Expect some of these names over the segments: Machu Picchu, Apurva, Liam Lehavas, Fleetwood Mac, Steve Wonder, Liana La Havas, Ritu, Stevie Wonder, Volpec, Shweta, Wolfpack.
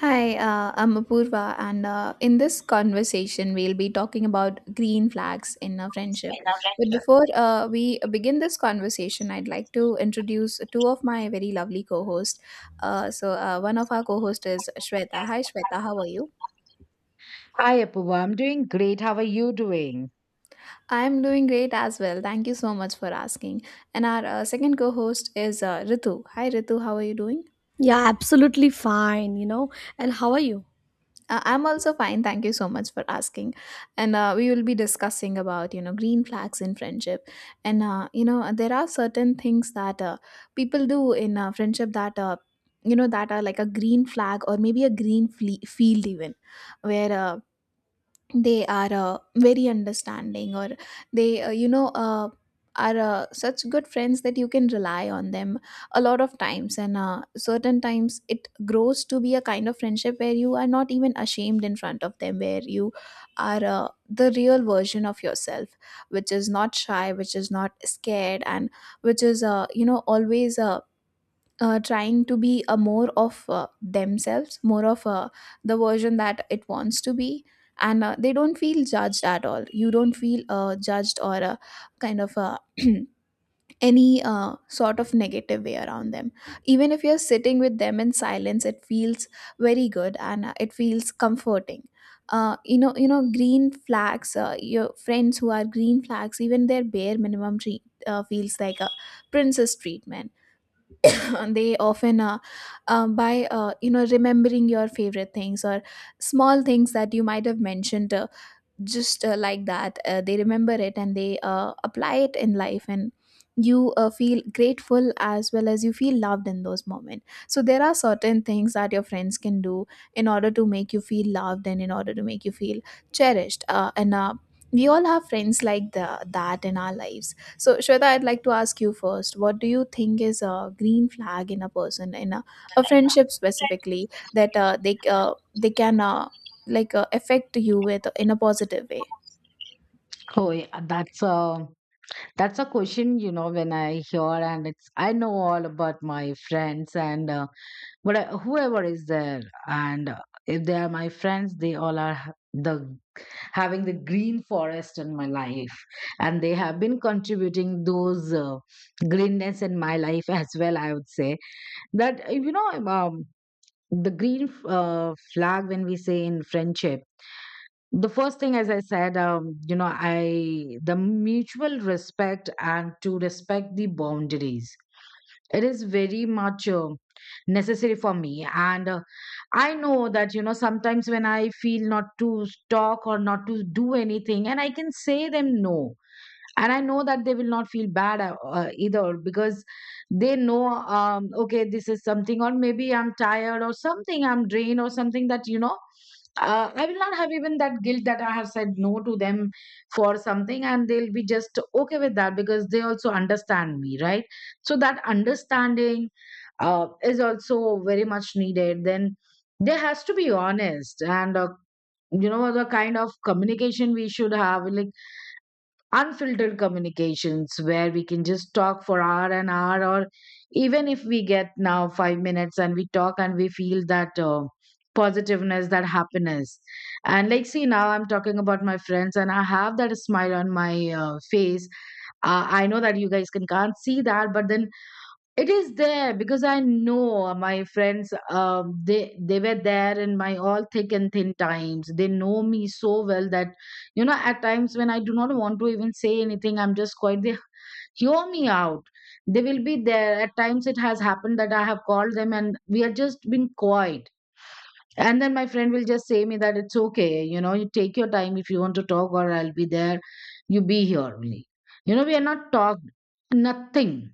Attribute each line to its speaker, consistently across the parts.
Speaker 1: Hi, I'm Apurva, and in this conversation, we'll be talking about green flags in a friendship. But before we begin this conversation, I'd like to introduce two of my very lovely co-hosts. One of our co-hosts is Shweta. Hi, Shweta, how are you?
Speaker 2: Hi, Apuva. I'm doing great. How are you doing?
Speaker 1: I'm doing great as well. Thank you so much for asking. And our second co-host is Ritu. Hi, Ritu, how are you doing?
Speaker 3: Yeah, absolutely fine, you know. And how are you?
Speaker 1: I'm also fine. Thank you so much for asking. And we will be discussing about, you know, green flags in friendship. And there are certain things that people do in friendship that that are like a green flag, or maybe a field even, where they are very understanding, or they are such good friends that you can rely on them a lot of times. And certain times it grows to be a kind of friendship where you are not even ashamed in front of them, where you are the real version of yourself, which is not shy, which is not scared, and which is always trying to be a more of themselves, more of the version that it wants to be, and they don't feel judged at all. You don't feel judged or kind of any sort of negative way around them. Even if you're sitting with them in silence, it feels very good, and it feels comforting. You know, green flags. Your friends who are green flags, even their bare minimum treat feels like a princess treatment. They often by you know, remembering your favorite things or small things that you might have mentioned just like that, they remember it and they apply it in life, and you feel grateful as well as you feel loved in those moments. So there are certain things that your friends can do in order to make you feel loved, and in order to make you feel cherished, and we all have friends like that in our lives. So Shweta, I'd like to ask you first, what do you think is a green flag in a person, in a friendship specifically, that they can affect you with in a positive way?
Speaker 2: Oh, yeah, that's a question, when I hear and it's I know all about my friends and what whoever is there and if they are my friends, they all are the having the green forest in my life, and they have been contributing those greenness in my life as well, I would say that the green flag when we say in friendship, the first thing, as I said, I the mutual respect and to respect the boundaries. It is very much necessary for me. And I know that, you know, sometimes when I feel not to talk or not to do anything, and I can say them no, and I know that they will not feel bad, either, because they know, okay, this is something, or maybe I'm tired or something, I'm drained or something, that, you know, I will not have even that guilt that I have said no to them for something, and they'll be just okay with that because they also understand me, right? So that understanding is also very much needed. Then there has to be honest and, you know, the kind of communication we should have, like unfiltered communications, where we can just talk for hour and hour, or even if we get now 5 minutes and we talk and we feel that positiveness, that happiness. And like, see, now I'm talking about my friends and I have that smile on my face. I know that you guys can can't see that, but then it is there because I know my friends. They were there in my all thick and thin times. They know me so well that, you know, at times when I do not want to even say anything, I'm just quiet. They hear me out. They will be there. At times it has happened that I have called them and we have just been quiet. And then my friend will just say me that it's okay. You know, you take your time, if you want to talk, or I'll be there. You be here only. You know, we are not talked nothing,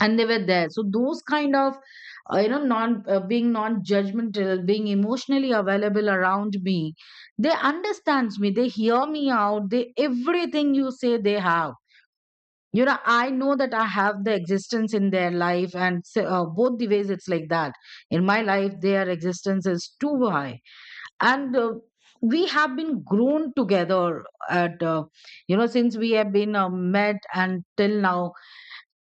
Speaker 2: and they were there. So those kind of, non being non judgmental, being emotionally available around me, they understands me, they hear me out, they everything you say they have, you know, I know that I have the existence in their life. And so, both the ways, it's like that. In my life, their existence is too high. And we have been grown together at, since we have been met and till now.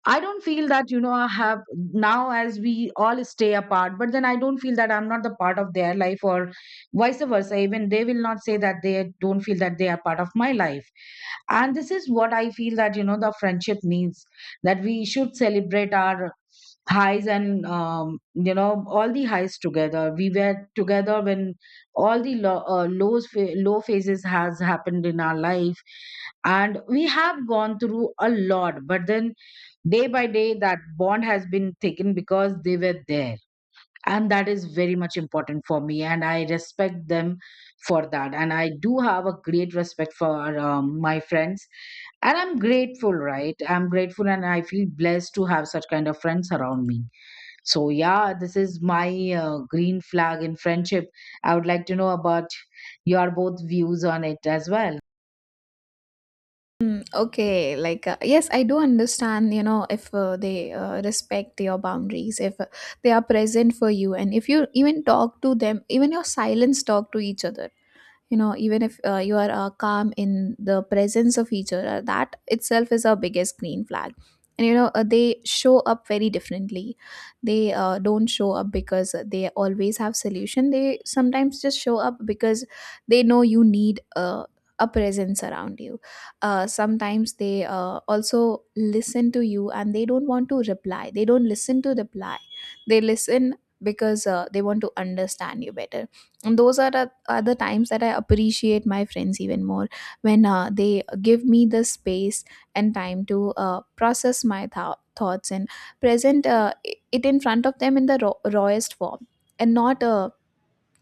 Speaker 2: I don't feel that, you know, I have, now as we all stay apart, but then I don't feel that I'm not the part of their life, or vice versa. Even they will not say that they don't feel that they are part of my life. And this is what I feel, that, you know, the friendship means that we should celebrate our highs, and, you know, all the highs together. We were together when all the lows, low phases has happened in our life, and we have gone through a lot. But then, day by day, that bond has been taken because they were there, and that is very much important for me, and I respect them for that, and I do have a great respect for, my friends, and I'm grateful, right? I'm grateful and I feel blessed to have such kind of friends around me. So yeah, this is my green flag in friendship. I would like to know about your both views on it as well.
Speaker 1: Mm, okay, like yes, I do understand. You know, if they respect your boundaries, if they are present for you, and if you even talk to them, even your silence talk to each other, you know, even if you are calm in the presence of each other, that itself is our biggest green flag. And you know, they show up very differently. They don't show up because they always have solution. They sometimes just show up because they know you need a presence around you. Sometimes they also listen to you and they don't want to reply. They don't listen to reply, they listen because they want to understand you better. And those are the times that I appreciate my friends even more, when they give me the space and time to process my thoughts and present it in front of them in the rawest form, and not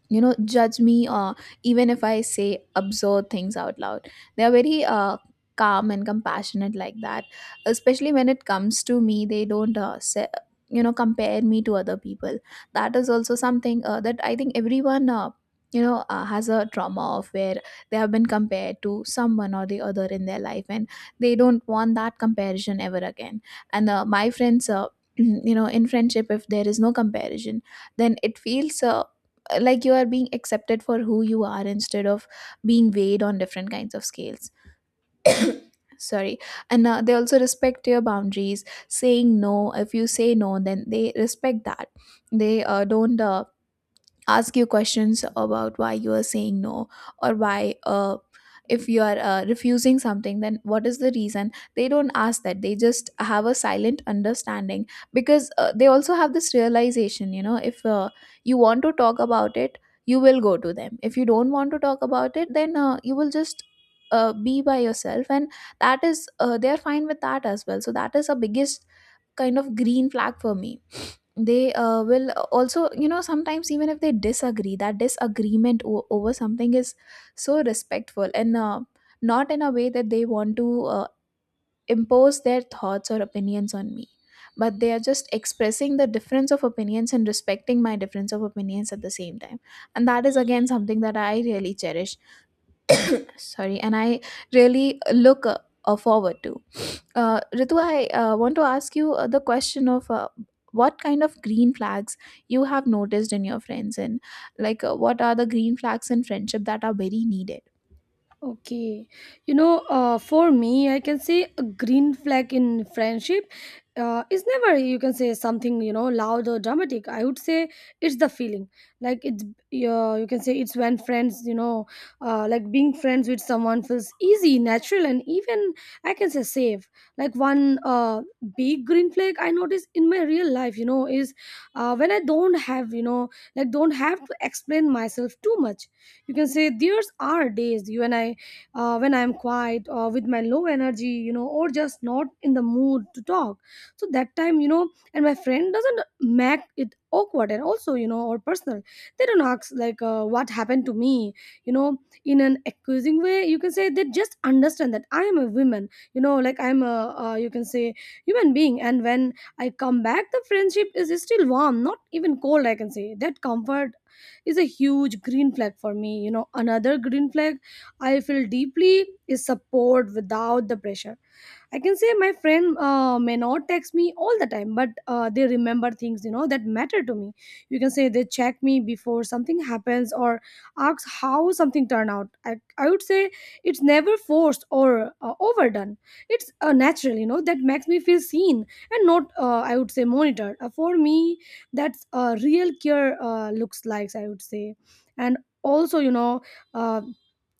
Speaker 1: you know, judge me, even if I say absurd things out loud. They are very calm and compassionate like that, especially when it comes to me. They don't say, you know, compare me to other people. That is also something that I think everyone has a trauma of, where they have been compared to someone or the other in their life, and they don't want that comparison ever again. And my friends, you know, in friendship, if there is no comparison, then it feels like you are being accepted for who you are, instead of being weighed on different kinds of scales. Sorry. And they also respect your boundaries, saying no. If you say no, then they respect that. They don't ask you questions about why you are saying no, or why, if you are refusing something, then what is the reason. They don't ask that, they just have a silent understanding, because they also have this realization. You know, if you want to talk about it, you will go to them. If you don't want to talk about it, then you will just be by yourself, and that is, they're fine with that as well. So that is a biggest kind of green flag for me. They will also, you know, sometimes even if they disagree, that disagreement over something is so respectful, and not in a way that they want to impose their thoughts or opinions on me, but they are just expressing the difference of opinions and respecting my difference of opinions at the same time. And that is again something that I really cherish. Sorry. And I really look forward to, Ritu, I want to ask you the question of, what kind of green flags you have noticed in your friends, and like, what are the green flags in friendship that are very needed?
Speaker 3: Okay, you know, for me, I can say a green flag in friendship is never, you can say something, you know, loud or dramatic. I would say it's the feeling. Like it's, you can say it's when friends, you know, like being friends with someone feels easy, natural, and even I can say safe. Like one big green flag I notice in my real life, you know, is when I don't have, you know, like don't have to explain myself too much. You can say there's are days you and I when I'm quiet or with my low energy, you know, or just not in the mood to talk. So that time, you know, and my friend doesn't make it awkward and also, you know, or personal. They don't ask like what happened to me, you know, in an accusing way. You can say they just understand that I am a woman, you know, like I'm a, you can say, human being. And when I come back, the friendship is still warm, not even cold, I can say. That comfort is a huge green flag for me. You know, another green flag I feel deeply is support without the pressure. I can say my friend may not text me all the time, but they remember things, you know, that matter to me. You can say they check me before something happens or ask how something turned out. I would say it's never forced or overdone. It's natural, you know, that makes me feel seen and not I would say monitored. For me, that's real care looks like, I would say. And also, you know. Uh,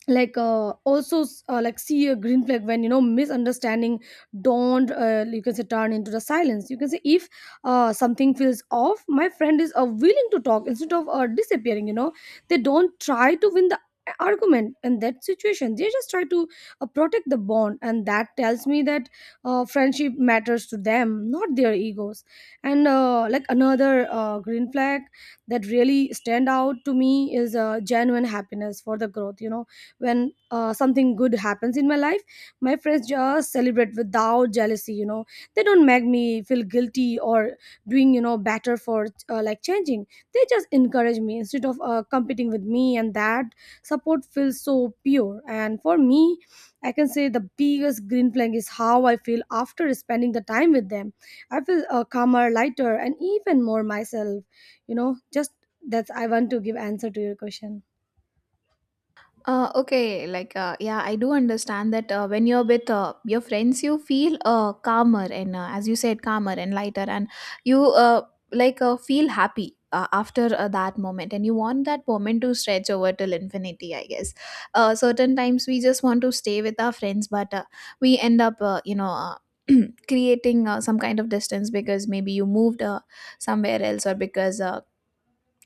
Speaker 3: like also like see a green flag when, you know, misunderstanding don't you can say turn into the silence. You can say if something feels off, my friend is willing to talk instead of disappearing, you know. They don't try to win the argument in that situation. They just try to protect the bond, and that tells me that friendship matters to them, not their egos. And like another green flag that really stand out to me is genuine happiness for the growth, you know. When something good happens in my life, my friends just celebrate without jealousy, you know. They don't make me feel guilty or doing, you know, better for like changing. They just encourage me instead of competing with me, and that support feels so pure. And for me, I can say the biggest green flag is how I feel after spending the time with them. I feel calmer, lighter, and even more myself, you know. Just that's I want to give answer to your question.
Speaker 1: Okay, like yeah, I do understand that when you're with your friends, you feel calmer, and as you said, calmer and lighter, and you feel happy after that moment, and you want that moment to stretch over till infinity, I guess. Certain times we just want to stay with our friends, but we end up, you know. Creating some kind of distance because maybe you moved somewhere else, or because uh,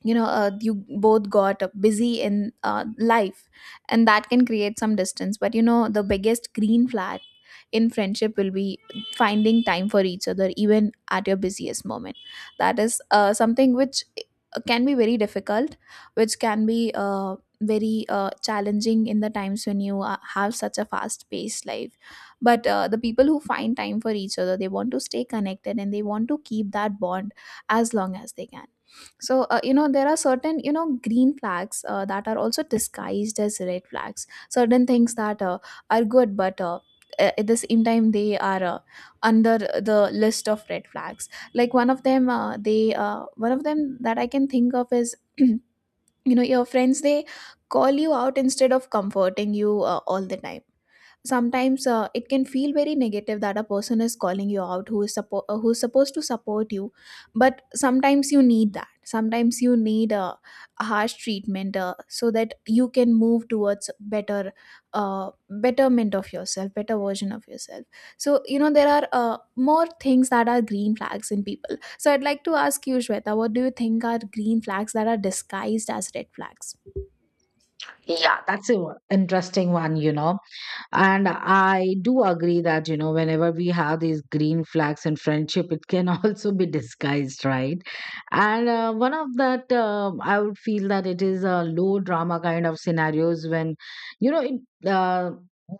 Speaker 1: you know uh, you both got busy in life, and that can create some distance. But you know, the biggest green flag in friendship will be finding time for each other even at your busiest moment. That is something which can be very difficult, which can be very challenging in the times when you have such a fast paced life. But the people who find time for each other, they want to stay connected and they want to keep that bond as long as they can. So, you know, there are certain, you know, green flags that are also disguised as red flags. Certain things that are good, but at the same time, they are under the list of red flags. Like one of them, one of them that I can think of is, you know, your friends, they call you out instead of comforting you all the time. Sometimes it can feel very negative that a person is calling you out, who is who's supposed to support you. But sometimes you need that, sometimes you need a harsh treatment, so that you can move towards better, betterment of yourself, better version of yourself. So you know, there are more things that are green flags in people. So I'd like to ask you, Shweta, what do you think are green flags that are disguised as red flags?
Speaker 2: That's an interesting one, you know. And I do agree that, you know, whenever we have these green flags in friendship, it can also be disguised, right? And one of that, I would feel that it is a low drama kind of scenarios when, you know,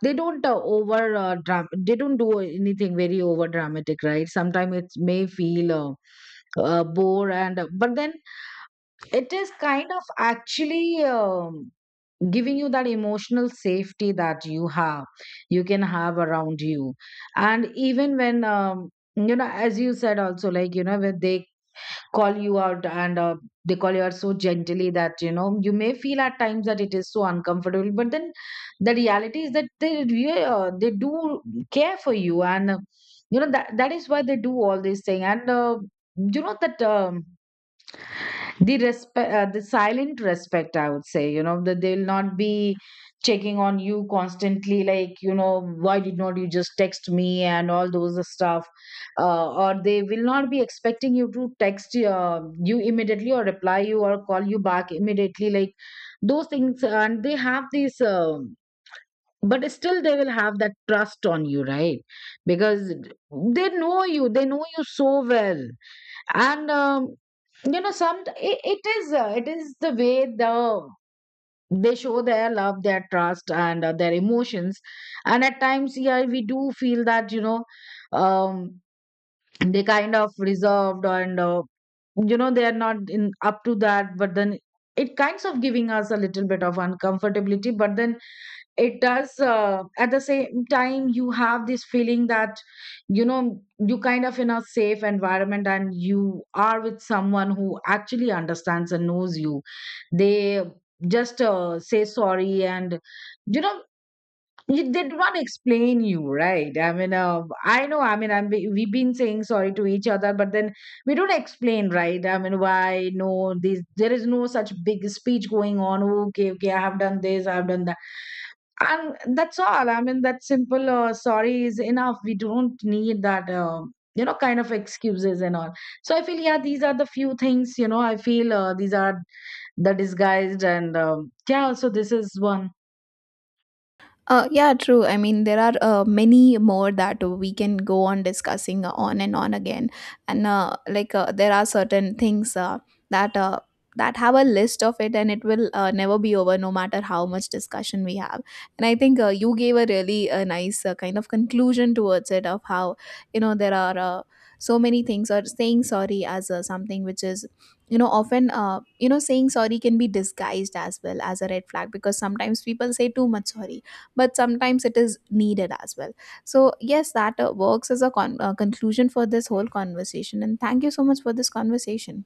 Speaker 2: they don't over, they don't do anything very over dramatic, right? Sometimes it may feel bore and, but then it is kind of actually. Giving you that emotional safety that you have, you can have around you. And even when, as you said also, like, you know, when they call you out, and they call you out so gently that, you know, you may feel at times that it is so uncomfortable, but then the reality is that they really, they do care for you. And you know, that that is why they do all these things. And you know that the respect, the silent respect, I would say, you know, that they'll not be checking on you constantly, like, you know, why did not you just text me, and all those stuff. Or they will not be expecting you to text, you immediately or reply you or call you back immediately, like those things. And they have these, but still they will have that trust on you, right? Because they know you, they know you so well. And, you know, some it is, it is the way the they show their love, their trust, and their emotions. And at times, yeah, we do feel that, you know, um they kind of reserved, and, you know, they are not in up to that. But then it kinds of giving us a little bit of uncomfortability. But then it does, at the same time, you have this feeling that, you know, you kind of in a safe environment and you are with someone who actually understands and knows you. They just say sorry, and, you know, they do not explain you, right? I mean, I know, I mean, we've been saying sorry to each other, but then we don't explain, right? I mean, why, no, this there is no such big speech going on. Okay, okay, I have done this, I have done that, and that's all. I mean, that simple sorry is enough. We don't need that, you know, kind of excuses and all. So I feel, yeah, these are the few things, you know. I feel, these are the disguised. And, yeah, also this is one.
Speaker 1: Yeah, true. I mean, there are many more that we can go on discussing on and on again, and there are certain things that uh, that have a list of it, and it will never be over, no matter how much discussion we have. And I think you gave a really a nice kind of conclusion towards it of how, you know, there are so many things, or saying sorry as something which is, you know, often you know, saying sorry can be disguised as well as a red flag, because sometimes people say too much sorry, but sometimes it is needed as well. So yes, that works as a conclusion for this whole conversation, and thank you so much for this conversation.